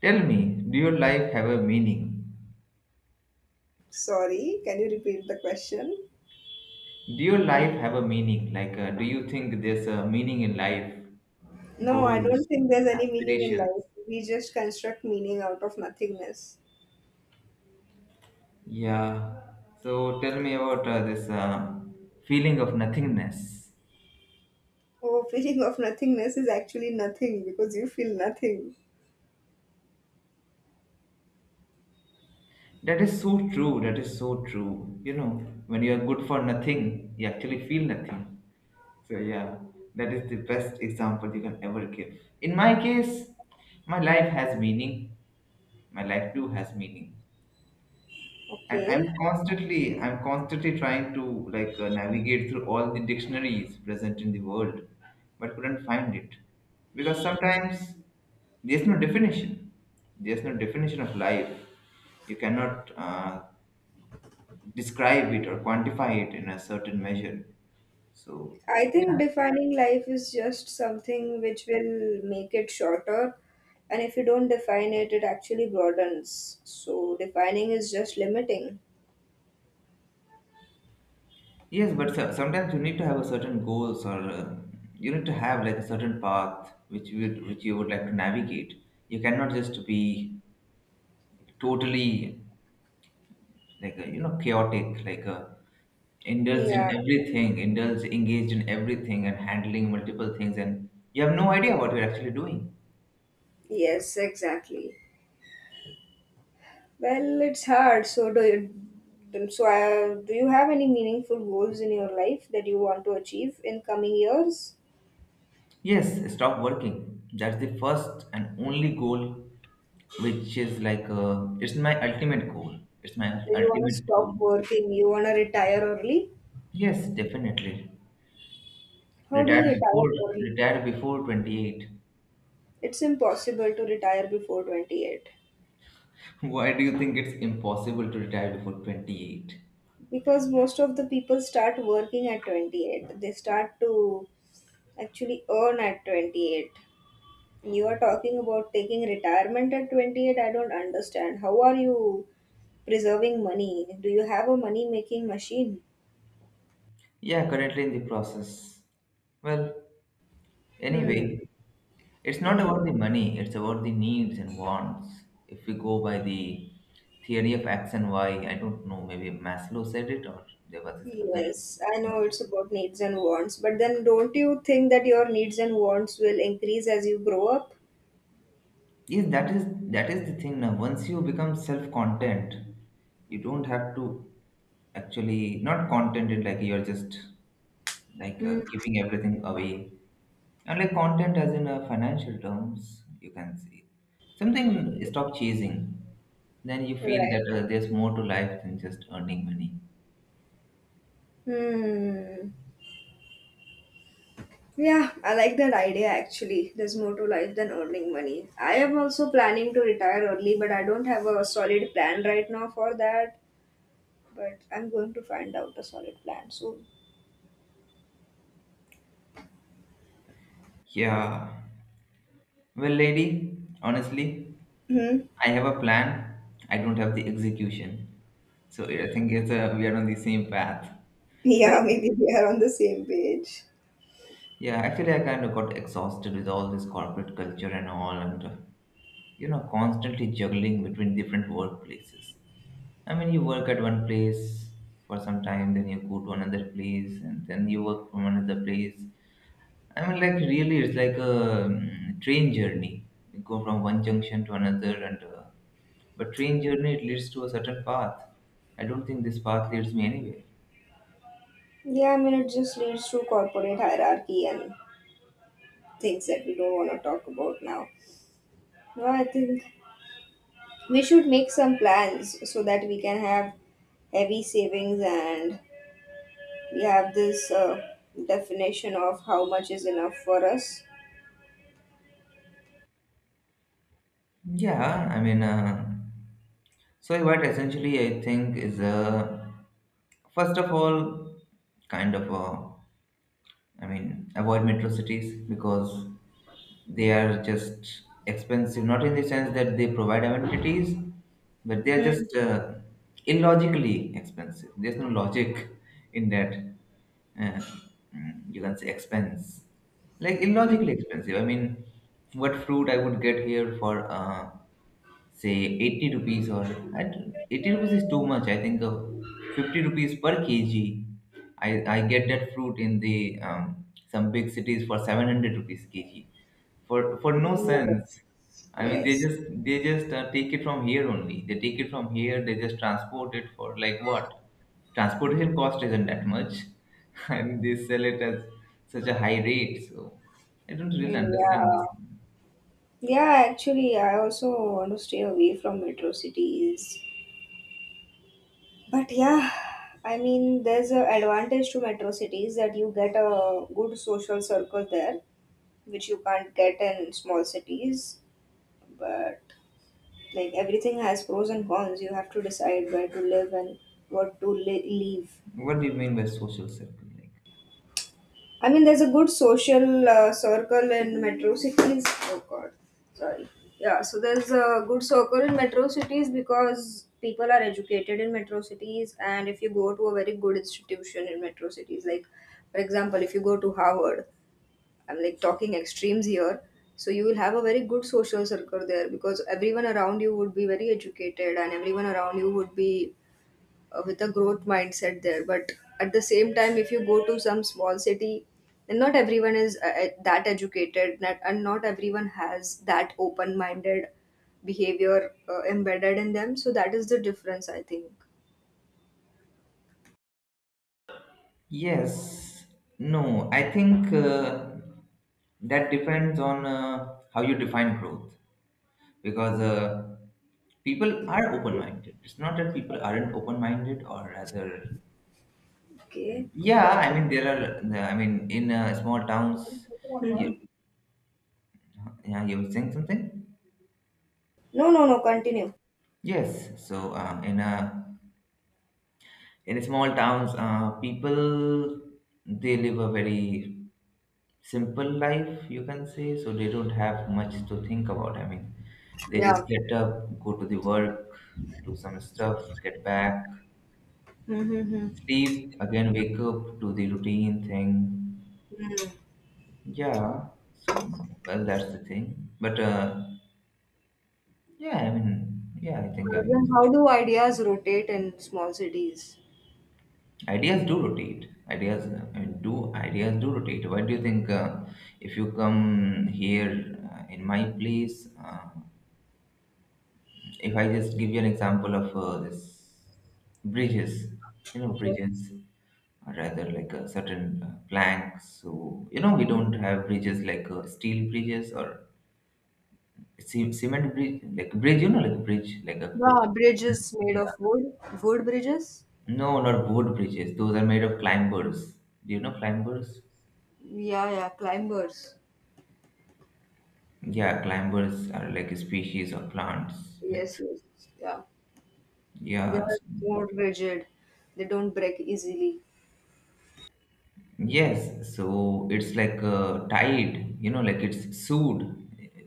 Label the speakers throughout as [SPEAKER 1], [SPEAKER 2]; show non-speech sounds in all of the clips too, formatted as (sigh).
[SPEAKER 1] Tell me, do your life have a meaning?
[SPEAKER 2] Sorry, can you repeat the question?
[SPEAKER 1] Do your life have a meaning? Like, do you think there's a meaning in life?
[SPEAKER 2] No, I don't
[SPEAKER 1] Goals,
[SPEAKER 2] think there's any meaning in
[SPEAKER 1] aspirations?
[SPEAKER 2] life. We just construct meaning out of nothingness.
[SPEAKER 1] Yeah. So tell me about this feeling of nothingness.
[SPEAKER 2] Oh, feeling of nothingness is actually nothing because you feel nothing.
[SPEAKER 1] That is so true. That is so true. You know, when you are good for nothing, you actually feel nothing. So yeah, that is the best example you can ever give. In my case, my life has meaning. My life too has meaning. And I'm
[SPEAKER 2] Okay.
[SPEAKER 1] constantly, I'm constantly trying to like navigate through all the dictionaries present in the world, but couldn't find it because sometimes there's no definition. There's no definition of life. You cannot describe it or quantify it in a certain measure. So
[SPEAKER 2] I think
[SPEAKER 1] yeah,
[SPEAKER 2] defining life is just something which will make it shorter. And if you don't define it, it actually broadens. So defining is just limiting.
[SPEAKER 1] yes, but sometimes you need to have a certain goals or you need to have like a certain path which you would like to navigate. You cannot just be totally like you know, chaotic, like indulged in
[SPEAKER 2] Yeah.
[SPEAKER 1] everything, indulged, engaged in everything and handling multiple things, and you have no idea what you're actually doing.
[SPEAKER 2] Yes, exactly. Well, it's hard. So do you have any meaningful goals in your life that you want to achieve in coming years?
[SPEAKER 1] Yes, stop working, that's the first and only goal, which is like it's my ultimate goal it's my
[SPEAKER 2] Do you want to
[SPEAKER 1] ultimate goal
[SPEAKER 2] stop working? You want to retire early?
[SPEAKER 1] Yes, definitely.
[SPEAKER 2] How do you
[SPEAKER 1] Retire
[SPEAKER 2] retire
[SPEAKER 1] before
[SPEAKER 2] early?
[SPEAKER 1] retire before 28.
[SPEAKER 2] It's impossible to retire before 28,
[SPEAKER 1] (laughs) Why do you think it's impossible to retire before 28?
[SPEAKER 2] because most of the people start working at 28. They start to actually earn at 28. And you are talking about taking retirement at 28. I don't understand. How are you preserving money? Do you have a money making machine?
[SPEAKER 1] Yeah, currently in the process. Well,
[SPEAKER 2] Hmm.
[SPEAKER 1] anyway, it's not about
[SPEAKER 2] Anyway,
[SPEAKER 1] the money, it's about the needs and wants. If we go by the theory of X and Y, I don't know, maybe Maslow said it, or there was this other.
[SPEAKER 2] yes, I know it's about needs and wants, but then don't you think that your needs and wants will increase as you grow up?
[SPEAKER 1] Yes, that is the thing now. Once you become self-content, you don't have to actually, not contented, like you're just like
[SPEAKER 2] Hmm.
[SPEAKER 1] giving everything away. Unlike content, as in financial terms, you can see something, stop chasing. Then you feel
[SPEAKER 2] Right.
[SPEAKER 1] that there's more to life than just earning money.
[SPEAKER 2] Hmm. Yeah, I like that idea actually. There's more to life than earning money. I am also planning to retire early, but I don't have a solid plan right now for that. But I'm going to find out a solid plan soon.
[SPEAKER 1] Yeah. Well, lady, honestly,
[SPEAKER 2] Hmm.
[SPEAKER 1] I have a plan. I don't have the execution. So I think it's we are on the same path. Well,
[SPEAKER 2] Yeah, (laughs) maybe we are on the same page.
[SPEAKER 1] yeah, actually, I kind of got exhausted with all this corporate culture and all, and you know, constantly juggling between different workplaces. I mean, you work at one place for some time, then you go to another place, and then you work from another place. I mean, like really, it's like a train journey. You go from one junction to another, and but train journey, it leads to a certain path. I don't think this path leads me anywhere.
[SPEAKER 2] Yeah, I mean, it just leads to corporate hierarchy and things that we don't want to talk about now. No, I think we should make some plans so that we can have heavy savings and we have this definition of how much is enough for us.
[SPEAKER 1] Yeah, I mean, so what essentially I think is, first of all, kind of a, I mean, avoid metro cities because they are just expensive. Not in the sense that they provide amenities, but they are
[SPEAKER 2] Hmm.
[SPEAKER 1] just illogically expensive. There's no logic in that. Uh, you can say expense, like
[SPEAKER 2] Hmm.
[SPEAKER 1] illogically expensive. I mean, what fruit I would get here for? Say 80 rupees, or I don't- 80 rupees is too much, I think 50 rupees per kg. I i get that fruit in the um, some big cities for 700 rupees kg, for no sense.
[SPEAKER 2] Yes.
[SPEAKER 1] I mean, they
[SPEAKER 2] Yes.
[SPEAKER 1] just they just take it from here only, they take it from here, they just transport it for, like, what, transportation cost isn't that much. (laughs) And they sell it at such a high rate, so I don't really understand
[SPEAKER 2] Yeah.
[SPEAKER 1] this.
[SPEAKER 2] Yeah, actually, I also want to stay away from metro cities. But yeah, I mean, there's an advantage to metro cities that you get a good social circle there, which you can't get in small cities. But like everything has pros and cons, you have to decide where to live and what to leave.
[SPEAKER 1] What do you mean by social circle? Like,
[SPEAKER 2] I mean, there's a good social circle in metro cities. Oh God, sorry. Yeah, so there's a good circle in metro cities because people are educated in metro cities, and if you go to a very good institution in metro cities, like for example, if you go to Harvard, I'm like talking extremes here. So you will have a very good social circle there because everyone around you would be very educated, and everyone around you would be with a growth mindset there. But at the same time, if you go to some small city, then not everyone is that educated, not, and not everyone has that open minded behavior embedded in them. So that is the difference, I think.
[SPEAKER 1] yes. No, I think that depends on how you define growth, because people are open minded. It's not that people aren't open minded, or rather,
[SPEAKER 2] Okay.
[SPEAKER 1] yeah, I mean, there are, I mean, in small towns, you,
[SPEAKER 2] Mhm.
[SPEAKER 1] yeah, you were saying something?
[SPEAKER 2] No, no, no, continue.
[SPEAKER 1] Yes. So, in a, in small towns people, they live a very simple life, you can say, so they don't have much to think about. I mean, they
[SPEAKER 2] Yeah.
[SPEAKER 1] just get up, go to the work, do some stuff, get back,
[SPEAKER 2] Mm-hmm.
[SPEAKER 1] sleep again, wake up, do the routine thing.
[SPEAKER 2] Uh,
[SPEAKER 1] Yeah. So, well, that's the thing, but yeah, I mean, yeah, I think I.
[SPEAKER 2] then how do ideas rotate in small cities?
[SPEAKER 1] Ideas do rotate. Ideas I mean, do ideas do rotate? Why do you think if you come here in my place, if I just give you an example of this bridges, you know,
[SPEAKER 2] Okay.
[SPEAKER 1] bridges, or rather, like a certain planks. So you know, we don't have bridges like steel bridges or cement bridge, like bridge. You know, like bridge, like a
[SPEAKER 2] Yeah, bridges made
[SPEAKER 1] yeah.
[SPEAKER 2] of wood, wood bridges.
[SPEAKER 1] No, not boat bridges. Those are made of climbers. Do you know climbers?
[SPEAKER 2] Yeah. Yeah, climbers.
[SPEAKER 1] Yeah, climbers are like a species of plants with,
[SPEAKER 2] Yes, yes, yeah. They
[SPEAKER 1] yeah,
[SPEAKER 2] are more rigid. They don't break easily.
[SPEAKER 1] yes. So it's like a tied, you know, like it's sewed,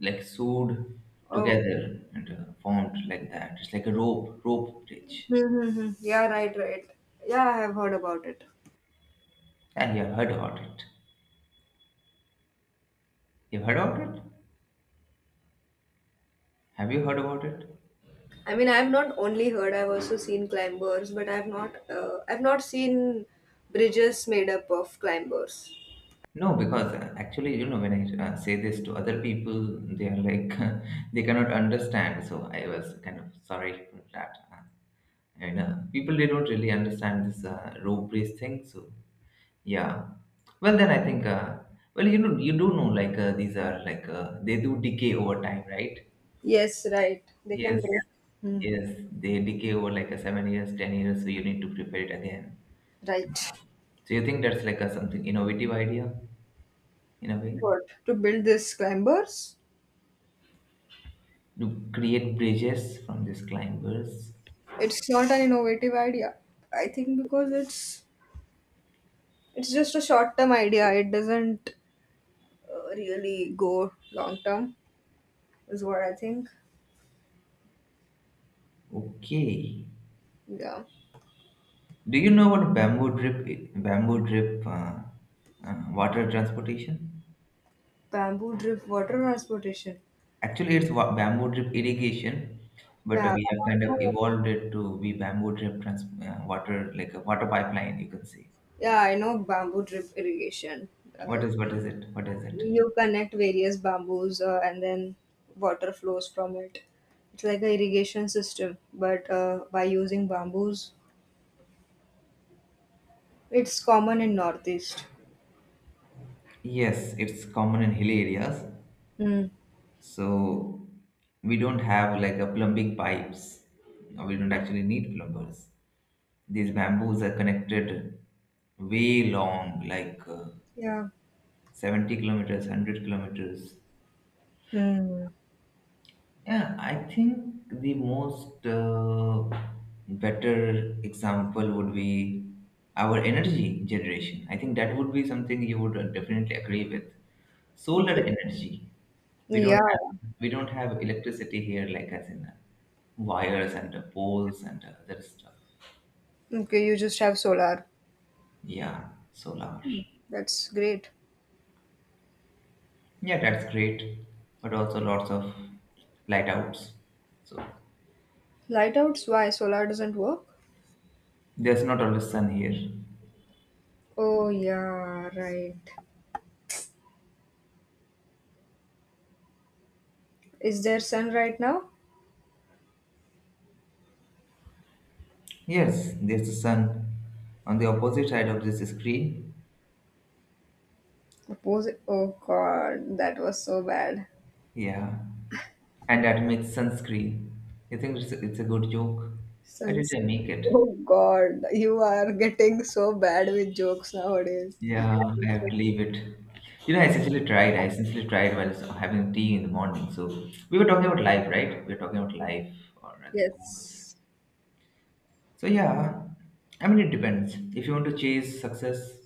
[SPEAKER 1] like sewed
[SPEAKER 2] Oh,
[SPEAKER 1] together and formed like that. It's like a rope bridge.
[SPEAKER 2] mm-hmm. Yeah, right, right. Yeah, I have heard about it.
[SPEAKER 1] And you have heard about it. You've heard about it? Have you heard about it?
[SPEAKER 2] I mean, I've not only heard, I've also seen climbers, but I've not seen bridges made up of climbers.
[SPEAKER 1] No, because actually, you know, when I say this to other people, they are like, (laughs) they cannot understand. So I was kind of sorry for that. And people, they don't really understand this rope race thing, so yeah. Well, then I think well, you know, you do know, like these are like they do decay over time, right?
[SPEAKER 2] Yes, right. They can
[SPEAKER 1] Yes,
[SPEAKER 2] break. Hmm.
[SPEAKER 1] yes, they decay over like a 7 years, 10 years, so you need to prepare it again. And,
[SPEAKER 2] Right.
[SPEAKER 1] so you think that's like a something innovative idea, in a way,
[SPEAKER 2] What? To build this climbers?
[SPEAKER 1] to create bridges from these climbers.
[SPEAKER 2] It's not an innovative idea. I think because it's just a short term idea. It doesn't really go long term is what I think.
[SPEAKER 1] Okay.
[SPEAKER 2] Yeah.
[SPEAKER 1] Do you know about bamboo drip water transportation?
[SPEAKER 2] Bamboo drip water transportation.
[SPEAKER 1] Actually, it's bamboo drip irrigation, but
[SPEAKER 2] Yeah,
[SPEAKER 1] we have
[SPEAKER 2] I
[SPEAKER 1] kind of
[SPEAKER 2] know.
[SPEAKER 1] evolved it to be bamboo drip trans water, like a water pipeline, you can say.
[SPEAKER 2] Yeah, I know bamboo drip irrigation. Uh,
[SPEAKER 1] What is it? What is it?
[SPEAKER 2] you connect various bamboos and then water flows from it. It's like a irrigation system, but by using bamboos, it's common in northeast.
[SPEAKER 1] Yes, it's common in hilly areas.
[SPEAKER 2] Hmm.
[SPEAKER 1] So we don't have like a plumbing pipes. No, we don't actually need plumbers. These bamboos are connected way long, like
[SPEAKER 2] Yeah.
[SPEAKER 1] 70 kilometers, 100 kilometers.
[SPEAKER 2] Hmm.
[SPEAKER 1] Yeah, I think the most better example would be our energy generation. I think that would be something you would definitely agree with. Solar
[SPEAKER 2] Okay.
[SPEAKER 1] energy. We don't
[SPEAKER 2] Yeah.
[SPEAKER 1] have we don't have electricity here, like as in wires and poles and other stuff.
[SPEAKER 2] Okay, you just have solar.
[SPEAKER 1] Yeah, solar.
[SPEAKER 2] That's great.
[SPEAKER 1] Yeah, that's great, but also lots of light outs. So
[SPEAKER 2] Light outs? Why? Solar doesn't work?
[SPEAKER 1] there's not always sun here.
[SPEAKER 2] Oh, yeah, right. Is there sun right now?
[SPEAKER 1] Yes, there's the sun on the opposite side of this screen.
[SPEAKER 2] Oppose, oh, God, that was so bad.
[SPEAKER 1] Yeah, and that makes sunscreen. You think it's a good joke? Why did
[SPEAKER 2] Suns.
[SPEAKER 1] I make it?
[SPEAKER 2] Oh, God, you are getting so bad with jokes nowadays.
[SPEAKER 1] Yeah, I have to leave it. You know, I essentially tried. I essentially tried while having tea in the morning. So we were talking about life, right? We were talking about life, or rather goals.
[SPEAKER 2] Yes.
[SPEAKER 1] So yeah, I mean, it depends. If you want to chase success,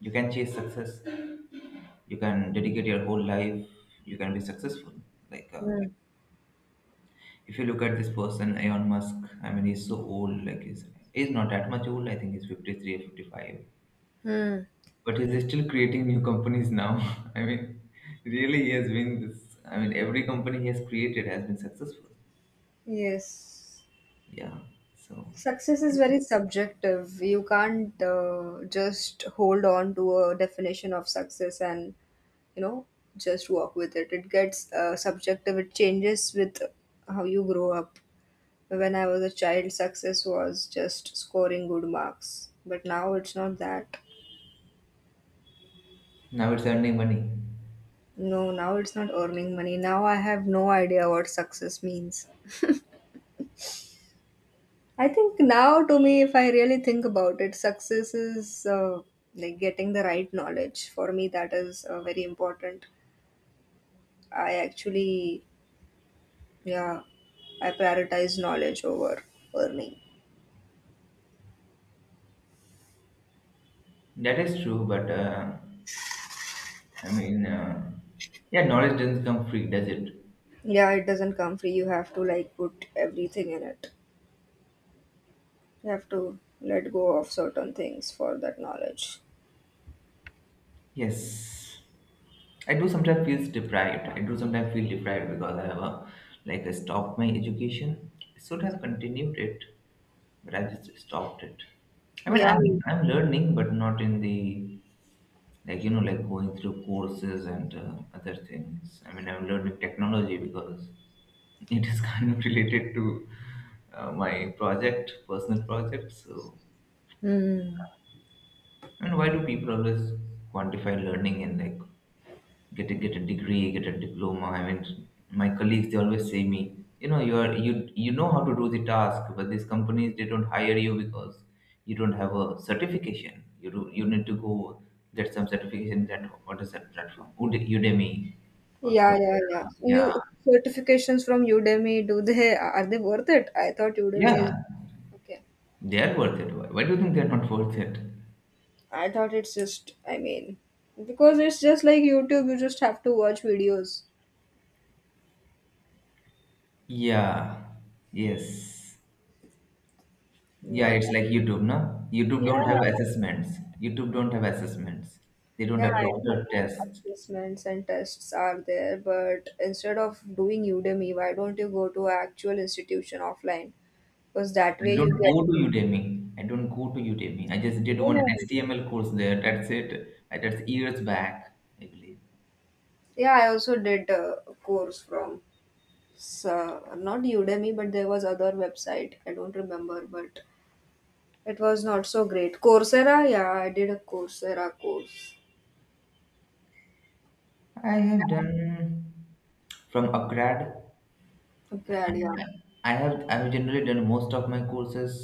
[SPEAKER 1] you can chase success. You can dedicate your whole life. You can be successful. Like
[SPEAKER 2] Hmm.
[SPEAKER 1] if you look at this person, Elon Musk, I mean, he's so old. Like he's not that much old. I think he's 53 or 55.
[SPEAKER 2] Hmm.
[SPEAKER 1] But he's still creating new companies now. (laughs) I mean, really, he has been this. I mean, every company he has created has been successful.
[SPEAKER 2] Yes.
[SPEAKER 1] Yeah. So
[SPEAKER 2] Success is very subjective. You can't just hold on to a definition of success and, you know, just walk with it. It gets subjective. It changes with how you grow up. When I was a child, success was just scoring good marks, but now it's not that.
[SPEAKER 1] now it's earning money.
[SPEAKER 2] No, now it's not earning money. Now I have no idea what success means. I think now, to me, if I really think about it, success is like getting the right knowledge. For me, that is very important. I actually, yeah, I prioritize knowledge over earning.
[SPEAKER 1] That is true, but I mean, yeah, knowledge doesn't come free, does it?
[SPEAKER 2] Yeah, it doesn't come free. You have to like put everything in it. You have to let go of certain things for that knowledge.
[SPEAKER 1] Yes. I do sometimes feel deprived. I do sometimes feel deprived because I have a, like I stopped my education. I should have continued it, but I just stopped it. I mean,
[SPEAKER 2] Yeah,
[SPEAKER 1] I'm learning, but not in the, like you know, like going through courses and other things. I mean, I'm learning technology because it is (laughs) kind of related to my project, personal project. So, I mean, why do people always quantify learning in, like, get a degree, get a diploma. I mean, my colleagues, they always say me, you know, you are you you know how to do the task, but these companies, they don't hire you because you don't have a certification. You do, you need to go get some certification. That what is that platform? Udemy or
[SPEAKER 2] yeah.
[SPEAKER 1] Coursera. Yeah,
[SPEAKER 2] You Certifications from Udemy, do they, are they worth it? I thought Udemy is
[SPEAKER 1] yeah,
[SPEAKER 2] okay.
[SPEAKER 1] they are worth it. Why do you think they are not worth it?
[SPEAKER 2] I thought it's just, I mean, because it's just like YouTube, you just have to watch videos.
[SPEAKER 1] Yeah. Yes. Yeah,
[SPEAKER 2] Yeah.
[SPEAKER 1] it's like YouTube, no? YouTube
[SPEAKER 2] Yeah.
[SPEAKER 1] don't have assessments. YouTube don't have assessments. They don't
[SPEAKER 2] Yeah,
[SPEAKER 1] have
[SPEAKER 2] I know.
[SPEAKER 1] doctor tests.
[SPEAKER 2] Assessments and tests are there, but instead of doing Udemy, why don't you go to an actual institution offline? Because that
[SPEAKER 1] I
[SPEAKER 2] way you
[SPEAKER 1] don't go to
[SPEAKER 2] get,
[SPEAKER 1] Udemy. I don't go to Udemy. I just did one HTML course there. That's it. That's years back, I believe.
[SPEAKER 2] yeah, I also did a course from, so not Udemy, but there was other website, I don't remember, but it was not so great. Coursera, yeah, I did a Coursera course.
[SPEAKER 1] I have done from upgrad.
[SPEAKER 2] Okay,
[SPEAKER 1] um,
[SPEAKER 2] yeah.
[SPEAKER 1] I have generally done most of my courses.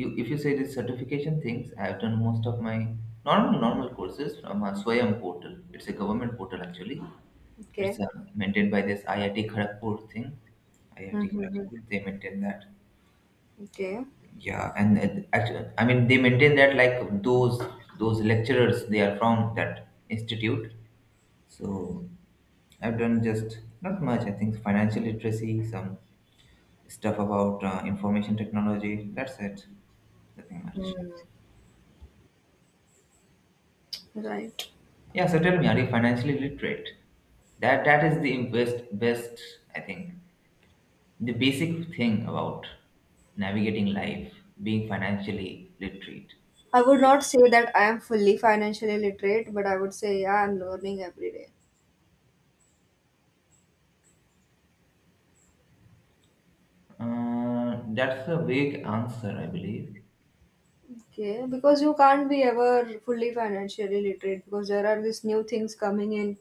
[SPEAKER 1] You, if you say the certification things, I have done most of my normal courses from a Swayam portal. It's a government portal actually. It's
[SPEAKER 2] Okay.
[SPEAKER 1] maintained by this IIT Kharagpur thing. IIT
[SPEAKER 2] Mm-hmm.
[SPEAKER 1] Kharagpur, they maintain that.
[SPEAKER 2] Okay.
[SPEAKER 1] Yeah, and actually, I mean, they maintain that, like, those lecturers, they are from that institute. So I've done just not much. I think financial literacy, some stuff about information technology. That's it. Nothing much.
[SPEAKER 2] Right.
[SPEAKER 1] Yeah. So tell me, are you financially literate? That is the best, I think. The basic thing about navigating life, being financially literate.
[SPEAKER 2] I would not say that I am fully financially literate, but I would say, yeah, I'm learning every day.
[SPEAKER 1] That's a vague answer, I believe.
[SPEAKER 2] Okay, because you can't be ever fully financially literate because there are these new things coming in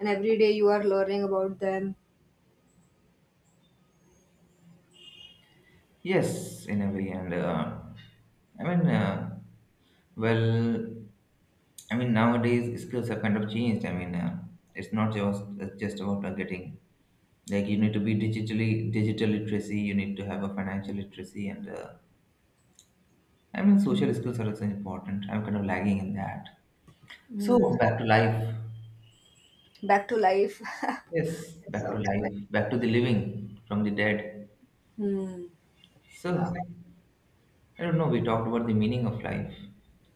[SPEAKER 2] and every day you are learning about them.
[SPEAKER 1] Yes, in a way, and I mean, uh, well, I mean, nowadays skills have kind of changed. I mean, it's not just, it's just about getting, like, you need to be digital literacy. You need to have a financial literacy, and I mean, social skills are also important. I'm kind of lagging in that. So
[SPEAKER 2] Mm.
[SPEAKER 1] back to life.
[SPEAKER 2] Back to life. (laughs)
[SPEAKER 1] Yes,
[SPEAKER 2] That
[SPEAKER 1] back to
[SPEAKER 2] sounds bad.
[SPEAKER 1] life, back to the living from the dead.
[SPEAKER 2] Hmm. Yeah.
[SPEAKER 1] So, I don't know, we talked about the meaning of life.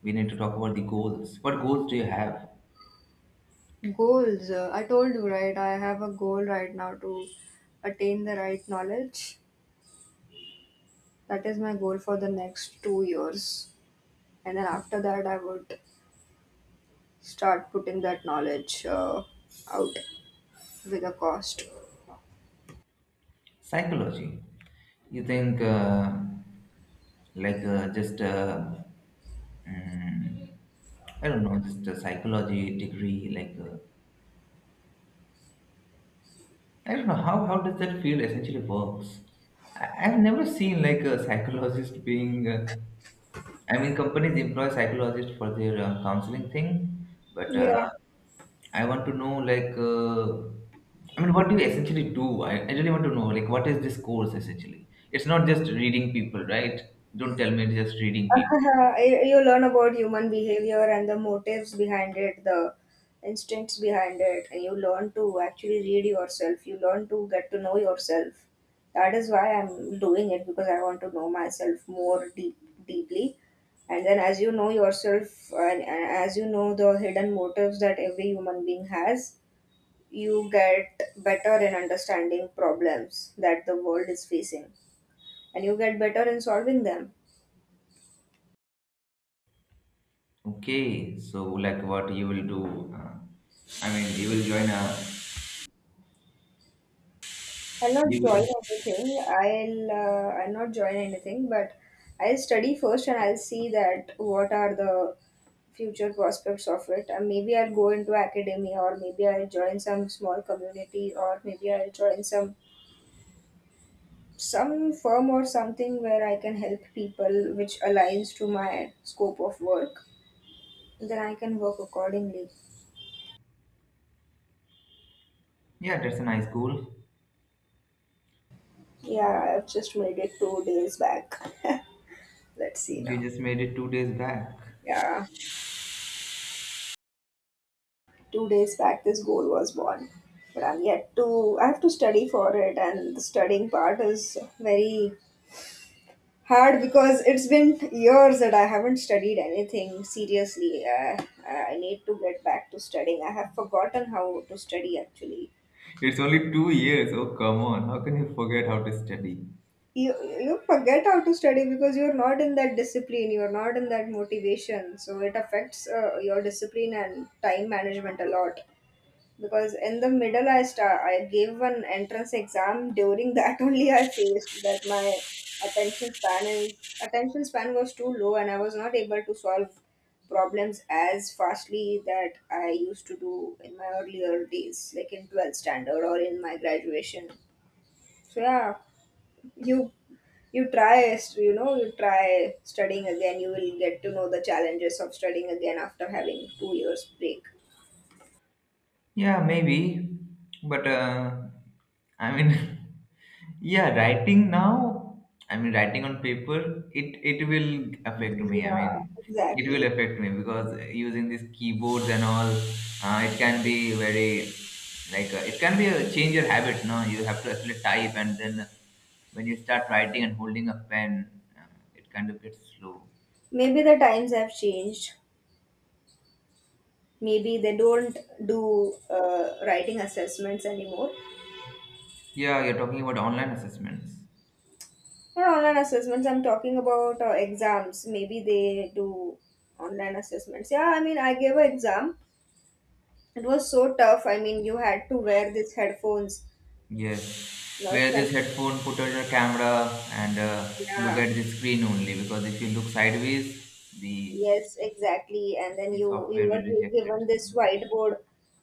[SPEAKER 1] We need to talk about the goals. What goals do you have?
[SPEAKER 2] Goals. I told you, right? I have a goal right now to attain the right knowledge. That is my goal for the next 2 years. And then after that, I would start putting that knowledge out with a cost.
[SPEAKER 1] Psychology. You think, like, just, mm, I don't know, just a psychology degree, like, I don't know how does that field essentially works. I've never seen like a psychologist being. I mean, companies employ psychologists for their counseling thing, but
[SPEAKER 2] Yeah.
[SPEAKER 1] I want to know like. I mean, what do you essentially do? I really want to know, like, what is this course essentially? It's not just reading people, right? Don't tell me it's just reading people.
[SPEAKER 2] (laughs) You learn about human behavior and the motives behind it, the instincts behind it, and you learn to actually read yourself. You learn to get to know yourself. That is why I'm doing it, because I want to know myself more deep, deeply. And then, as you know yourself, and as you know the hidden motives that every human being has, you get better in understanding problems that the world is facing, and you get better in solving them.
[SPEAKER 1] Okay, so like what you will do? I mean, you will join a.
[SPEAKER 2] I'll not
[SPEAKER 1] You
[SPEAKER 2] join
[SPEAKER 1] will,
[SPEAKER 2] anything. I'll not join anything, but I'll study first, and I'll see that what are the future prospects of it. And maybe I'll go into academia, or maybe I'll join some small community, or maybe I'll join some firm or something where I can help people, which aligns to my scope of work. Then I can work accordingly.
[SPEAKER 1] yeah, that's a nice goal.
[SPEAKER 2] Yeah, I've just made it 2 days back. (laughs) Let's see
[SPEAKER 1] You
[SPEAKER 2] now.
[SPEAKER 1] just made it two days back.
[SPEAKER 2] Yeah. 2 days back, this goal was born, but I'm yet to, I have to study for it, and the studying part is very hard because it's been years that I haven't studied anything seriously. I need to get back to studying. I have forgotten how to study actually.
[SPEAKER 1] It's only two years. Oh, come on. How can you forget how to study?
[SPEAKER 2] you, you forget how to study because you're not in that discipline, you're not in that motivation, so it affects your discipline and time management a lot. Because in the middle, I gave an entrance exam during that (laughs) only. I faced that my attention span was too low, and I was not able to solve problems as fastly that I used to do in my earlier days, like in 12th standard or in my graduation. So yeah, you you try, you know, you try studying again, you will get to know the challenges of studying again after having 2 years break.
[SPEAKER 1] Yeah, maybe. But, I mean, (laughs) yeah, writing now, I mean, writing on paper, it will affect me. I
[SPEAKER 2] Yeah,
[SPEAKER 1] mean, it will
[SPEAKER 2] exactly.
[SPEAKER 1] affect me because using these keyboards and all, it can be very, like, it can be a change your habit, no? You have to actually type, and then when you start writing and holding a pen, it kind of gets slow.
[SPEAKER 2] Maybe the times have changed. Maybe they don't do writing assessments anymore.
[SPEAKER 1] Yeah, you're talking about online assessments.
[SPEAKER 2] Or online assessments, I'm talking about exams. Maybe they do online assessments. Yeah, I mean, I gave an exam. It was so tough. I mean, you had to wear these headphones.
[SPEAKER 1] Yes,
[SPEAKER 2] Last
[SPEAKER 1] where
[SPEAKER 2] time.
[SPEAKER 1] this headphone put on your camera and look
[SPEAKER 2] Yeah,
[SPEAKER 1] at the screen only, because if you look sideways, the
[SPEAKER 2] yes, exactly. And then
[SPEAKER 1] the
[SPEAKER 2] you
[SPEAKER 1] software
[SPEAKER 2] were
[SPEAKER 1] will reject it.
[SPEAKER 2] given this whiteboard.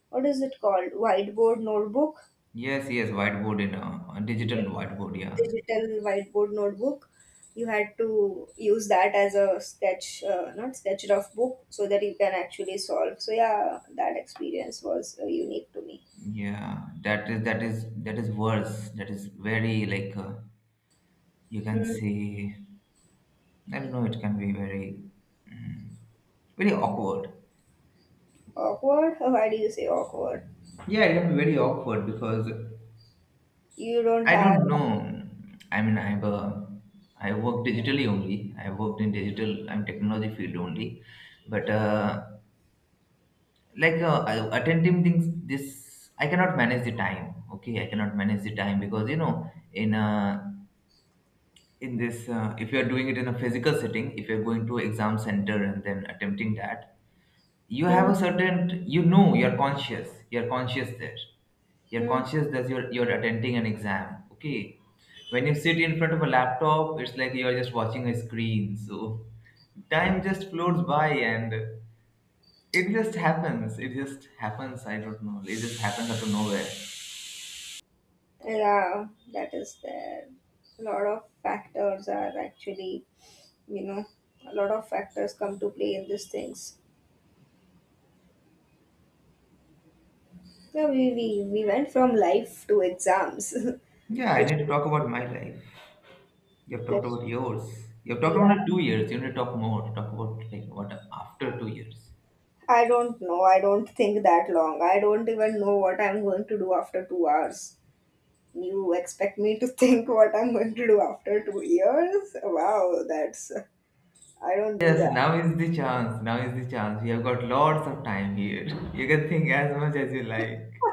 [SPEAKER 2] What is it called? Whiteboard notebook?
[SPEAKER 1] Yes, yes, whiteboard in a digital
[SPEAKER 2] Yes.
[SPEAKER 1] whiteboard. Yeah,
[SPEAKER 2] Digital whiteboard notebook, you had to use that as a sketch, not sketch, rough book, so that you can actually solve. So yeah, that experience was unique to me.
[SPEAKER 1] yeah, that is worse. That is very, like, you can
[SPEAKER 2] Hmm.
[SPEAKER 1] say. I don't know. It can be very, mm, very awkward.
[SPEAKER 2] Awkward? Oh, why do you say awkward?
[SPEAKER 1] Yeah, it can be very awkward because
[SPEAKER 2] You don't
[SPEAKER 1] I
[SPEAKER 2] have.
[SPEAKER 1] don't know. I mean, I've I work digitally only. I worked in digital. I'm technology field only, but like, I- attending things, this I cannot manage the time. Okay, I cannot manage the time, because you know, in this, if you are doing it in a physical setting, if you're going to exam center and then attempting that, you have
[SPEAKER 2] Hmm,
[SPEAKER 1] a certain, you know, you're conscious. You're conscious there, you're
[SPEAKER 2] hmm.
[SPEAKER 1] conscious that you're attending an exam, okay. When you sit in front of a laptop, it's like you're just watching a screen, so time just floats by, and it just happens, I don't know, it just happens out of nowhere.
[SPEAKER 2] Yeah, that is there. A lot of factors are actually, you know, a lot of factors come to play in these things. yeah we we, we went from life to exams.
[SPEAKER 1] Yeah,
[SPEAKER 2] (laughs)
[SPEAKER 1] I
[SPEAKER 2] Which
[SPEAKER 1] need to
[SPEAKER 2] was
[SPEAKER 1] talk about my life. You've talked about
[SPEAKER 2] less-.
[SPEAKER 1] yours. You've talked
[SPEAKER 2] Yeah,
[SPEAKER 1] about two years. You need to talk more, talk about like what after two years.
[SPEAKER 2] I don't know. I don't think that long. I don't even know what I'm going to do after 2 hours. You expect me to think (laughs) what I'm going to do after 2 years? Wow, that's. I don't do
[SPEAKER 1] Yes,
[SPEAKER 2] that.
[SPEAKER 1] now is the chance, we have got lots of time here, (laughs) you can think as much as you like.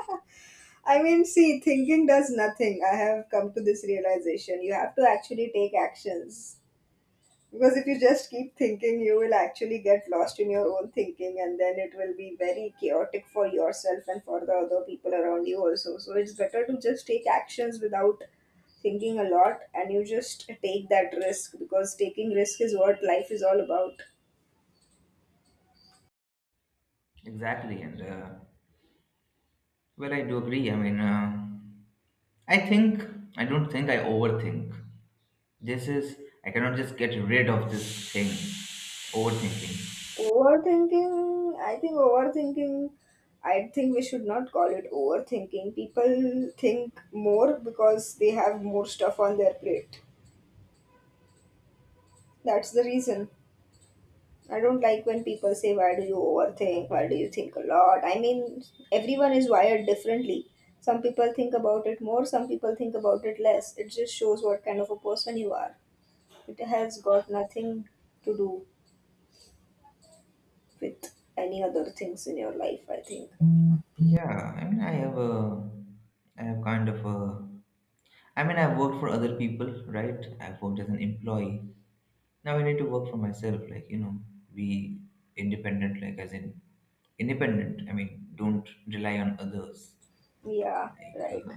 [SPEAKER 2] I mean, see, thinking does nothing. I have come to this realization. You have to actually take actions. Because if you just keep thinking, you will actually get lost in your own thinking, and then it will be very chaotic for yourself and for the other people around you also. So it's better to just take actions without thinking a lot, and you just take that risk because taking risk is what life is all about.
[SPEAKER 1] Exactly, and well, I do agree. I mean, I think I don't think I overthink. This is, I cannot just get rid of this thing, overthinking.
[SPEAKER 2] Overthinking, I think overthinking, I think we should not call it overthinking. People think more because they have more stuff on their plate. That's the reason. I don't like when people say, why do you overthink? Why do you think a lot? I mean, everyone is wired differently. Some people think about it more, some people think about it less. It just shows what kind of a person you are. It has got nothing to do with any other things in your life, I think.
[SPEAKER 1] Yeah, I mean, I have a, I have kind of a, I mean, I've worked for other people, right? I've worked as an employee. Now I need to work for myself, like, you know, be independent, like, as in independent. I mean, don't rely on others.
[SPEAKER 2] Yeah,
[SPEAKER 1] Like,
[SPEAKER 2] right.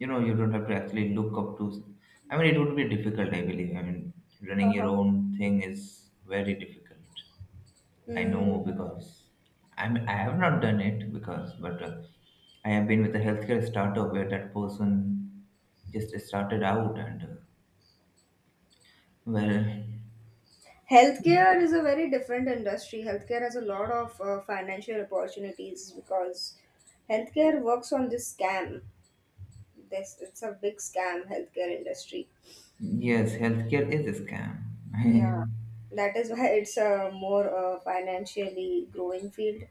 [SPEAKER 1] you know, you don't have to actually look up to, I mean, it would be difficult, I believe. I mean, running your
[SPEAKER 2] Uh-huh.
[SPEAKER 1] own thing is very difficult. I know,
[SPEAKER 2] Mm.
[SPEAKER 1] because I mean, I have not done it because, but I have been with a healthcare startup where that person just started out and well,
[SPEAKER 2] Healthcare is a very different industry. Healthcare has a lot of financial opportunities because healthcare works on this scam. This It's a big scam, healthcare industry.
[SPEAKER 1] yes, healthcare is a scam.
[SPEAKER 2] Yeah,
[SPEAKER 1] (laughs)
[SPEAKER 2] that is why it's a more financially growing field.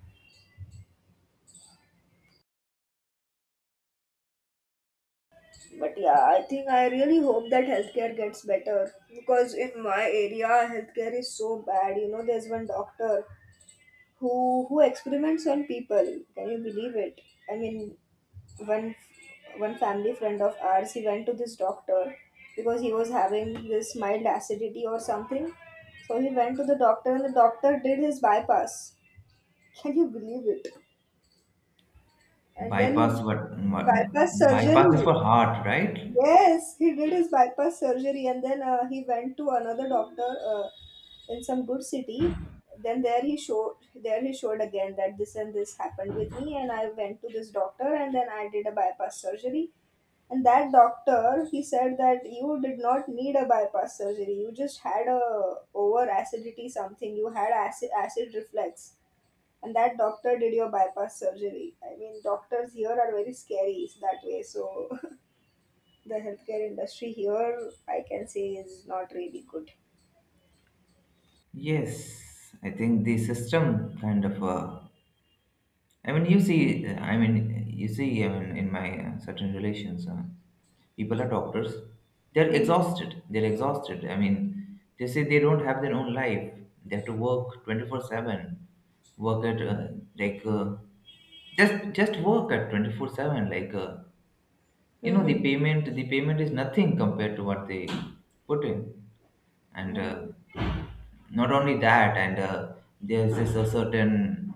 [SPEAKER 2] But yeah, I think I really hope that healthcare gets better because in my area, healthcare is so bad. You know, there's one doctor who experiments on people. Can you believe it? I mean, one one family friend of ours, he went to this doctor because he was having this mild acidity or something. So he went to the doctor, and the doctor did his bypass. Can you believe it? And then
[SPEAKER 1] Bypass what,
[SPEAKER 2] he,
[SPEAKER 1] what?
[SPEAKER 2] bypass
[SPEAKER 1] Bypass is
[SPEAKER 2] surgery,
[SPEAKER 1] for heart, right?
[SPEAKER 2] yes, he did his bypass surgery. And then he went to another doctor in some good city. Then there he showed again that this and this happened with me, and I went to this doctor, and then I did a bypass surgery. And that doctor, he said that you did not need a bypass surgery. You just had a over acidity something. You had acid reflux, and that doctor did your bypass surgery. I mean, doctors here are very scary that way. So (laughs) the healthcare industry here, I can say, is not really good.
[SPEAKER 1] Yes, I think the system kind of I mean, you see, I mean, you see, I mean, in my certain relations, people are doctors. They're
[SPEAKER 2] Hmm.
[SPEAKER 1] exhausted. They're exhausted. I mean, they say they don't have their own life. They have to work 24/7, work at like, just work at 24/7. Like, you know,
[SPEAKER 2] Mm-hmm.
[SPEAKER 1] the payment is nothing compared to what they put in. And
[SPEAKER 2] Mm-hmm.
[SPEAKER 1] not only that, and there's this a certain,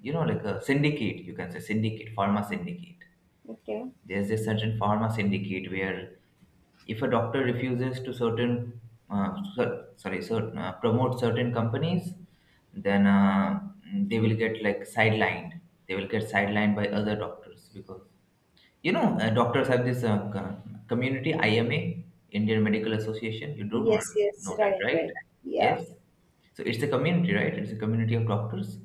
[SPEAKER 1] you know, like a syndicate. You can say syndicate, pharma syndicate.
[SPEAKER 2] Okay.
[SPEAKER 1] There's a certain pharma syndicate where if a doctor refuses to certain cer- sorry certain, promote certain companies, then they will get like sidelined, they will get sidelined by other doctors, because you know, doctors have this, community, IMA, Indian Medical Association, you do
[SPEAKER 2] Yes. Yes.
[SPEAKER 1] know that,
[SPEAKER 2] Right. Right.
[SPEAKER 1] right?
[SPEAKER 2] Yeah.
[SPEAKER 1] Yes. So it's a community, right? It's a community of doctors.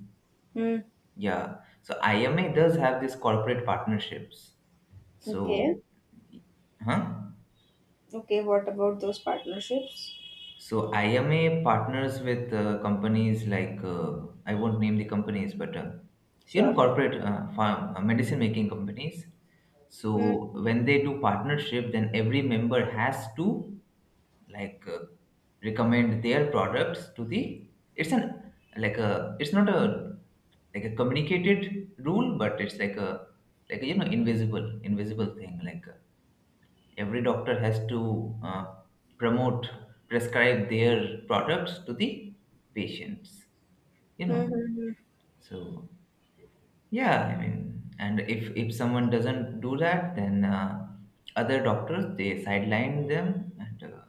[SPEAKER 2] Hmm.
[SPEAKER 1] Yeah, so IMA does have these corporate partnerships,
[SPEAKER 2] Okay.
[SPEAKER 1] so, huh?
[SPEAKER 2] Okay. What about those partnerships?
[SPEAKER 1] So IMA partners with companies like, I won't name the companies, but you know,
[SPEAKER 2] Sure.
[SPEAKER 1] corporate farm, medicine making companies.
[SPEAKER 2] Hmm.
[SPEAKER 1] So when they do partnership, then every member has to, like, recommend their products to the. It's an like a. It's not a like a communicated rule, but it's like a, like a, you know, invisible thing, like, every doctor has to promote prescribe their products to the patients, you know.
[SPEAKER 2] Hmm. Hmm, hmm.
[SPEAKER 1] So yeah, I mean, and if someone doesn't do that, then other doctors, they sideline them, and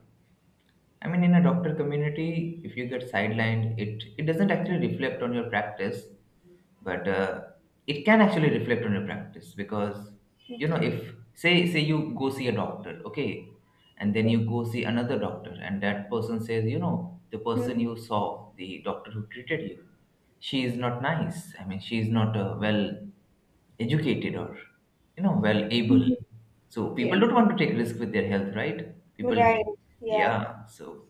[SPEAKER 1] I mean, in a doctor community, if you get sidelined, it doesn't actually reflect on your practice, but it can actually reflect on your practice because, you know,
[SPEAKER 2] Okay.
[SPEAKER 1] if say you go see a doctor, okay, and then
[SPEAKER 2] Okay.
[SPEAKER 1] you go see another doctor, and that person says, you know, the person
[SPEAKER 2] Mhm.
[SPEAKER 1] you saw, the doctor who treated you, she is not nice. I mean, she is not well educated or, you know, well able.
[SPEAKER 2] Mhm.
[SPEAKER 1] So people
[SPEAKER 2] Okay.
[SPEAKER 1] don't want to take risk with their health, right? People,
[SPEAKER 2] Right. Yeah.
[SPEAKER 1] yeah. So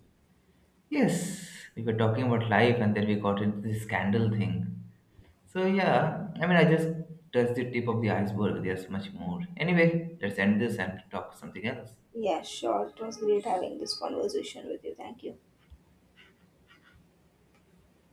[SPEAKER 1] yes, we were talking about life and then we got into this scandal thing. So, yeah, I mean, I just touched the tip of the iceberg. There's much more. Anyway, let's end this and talk something else.
[SPEAKER 2] Yeah, sure. It was great having this conversation with you. Thank you.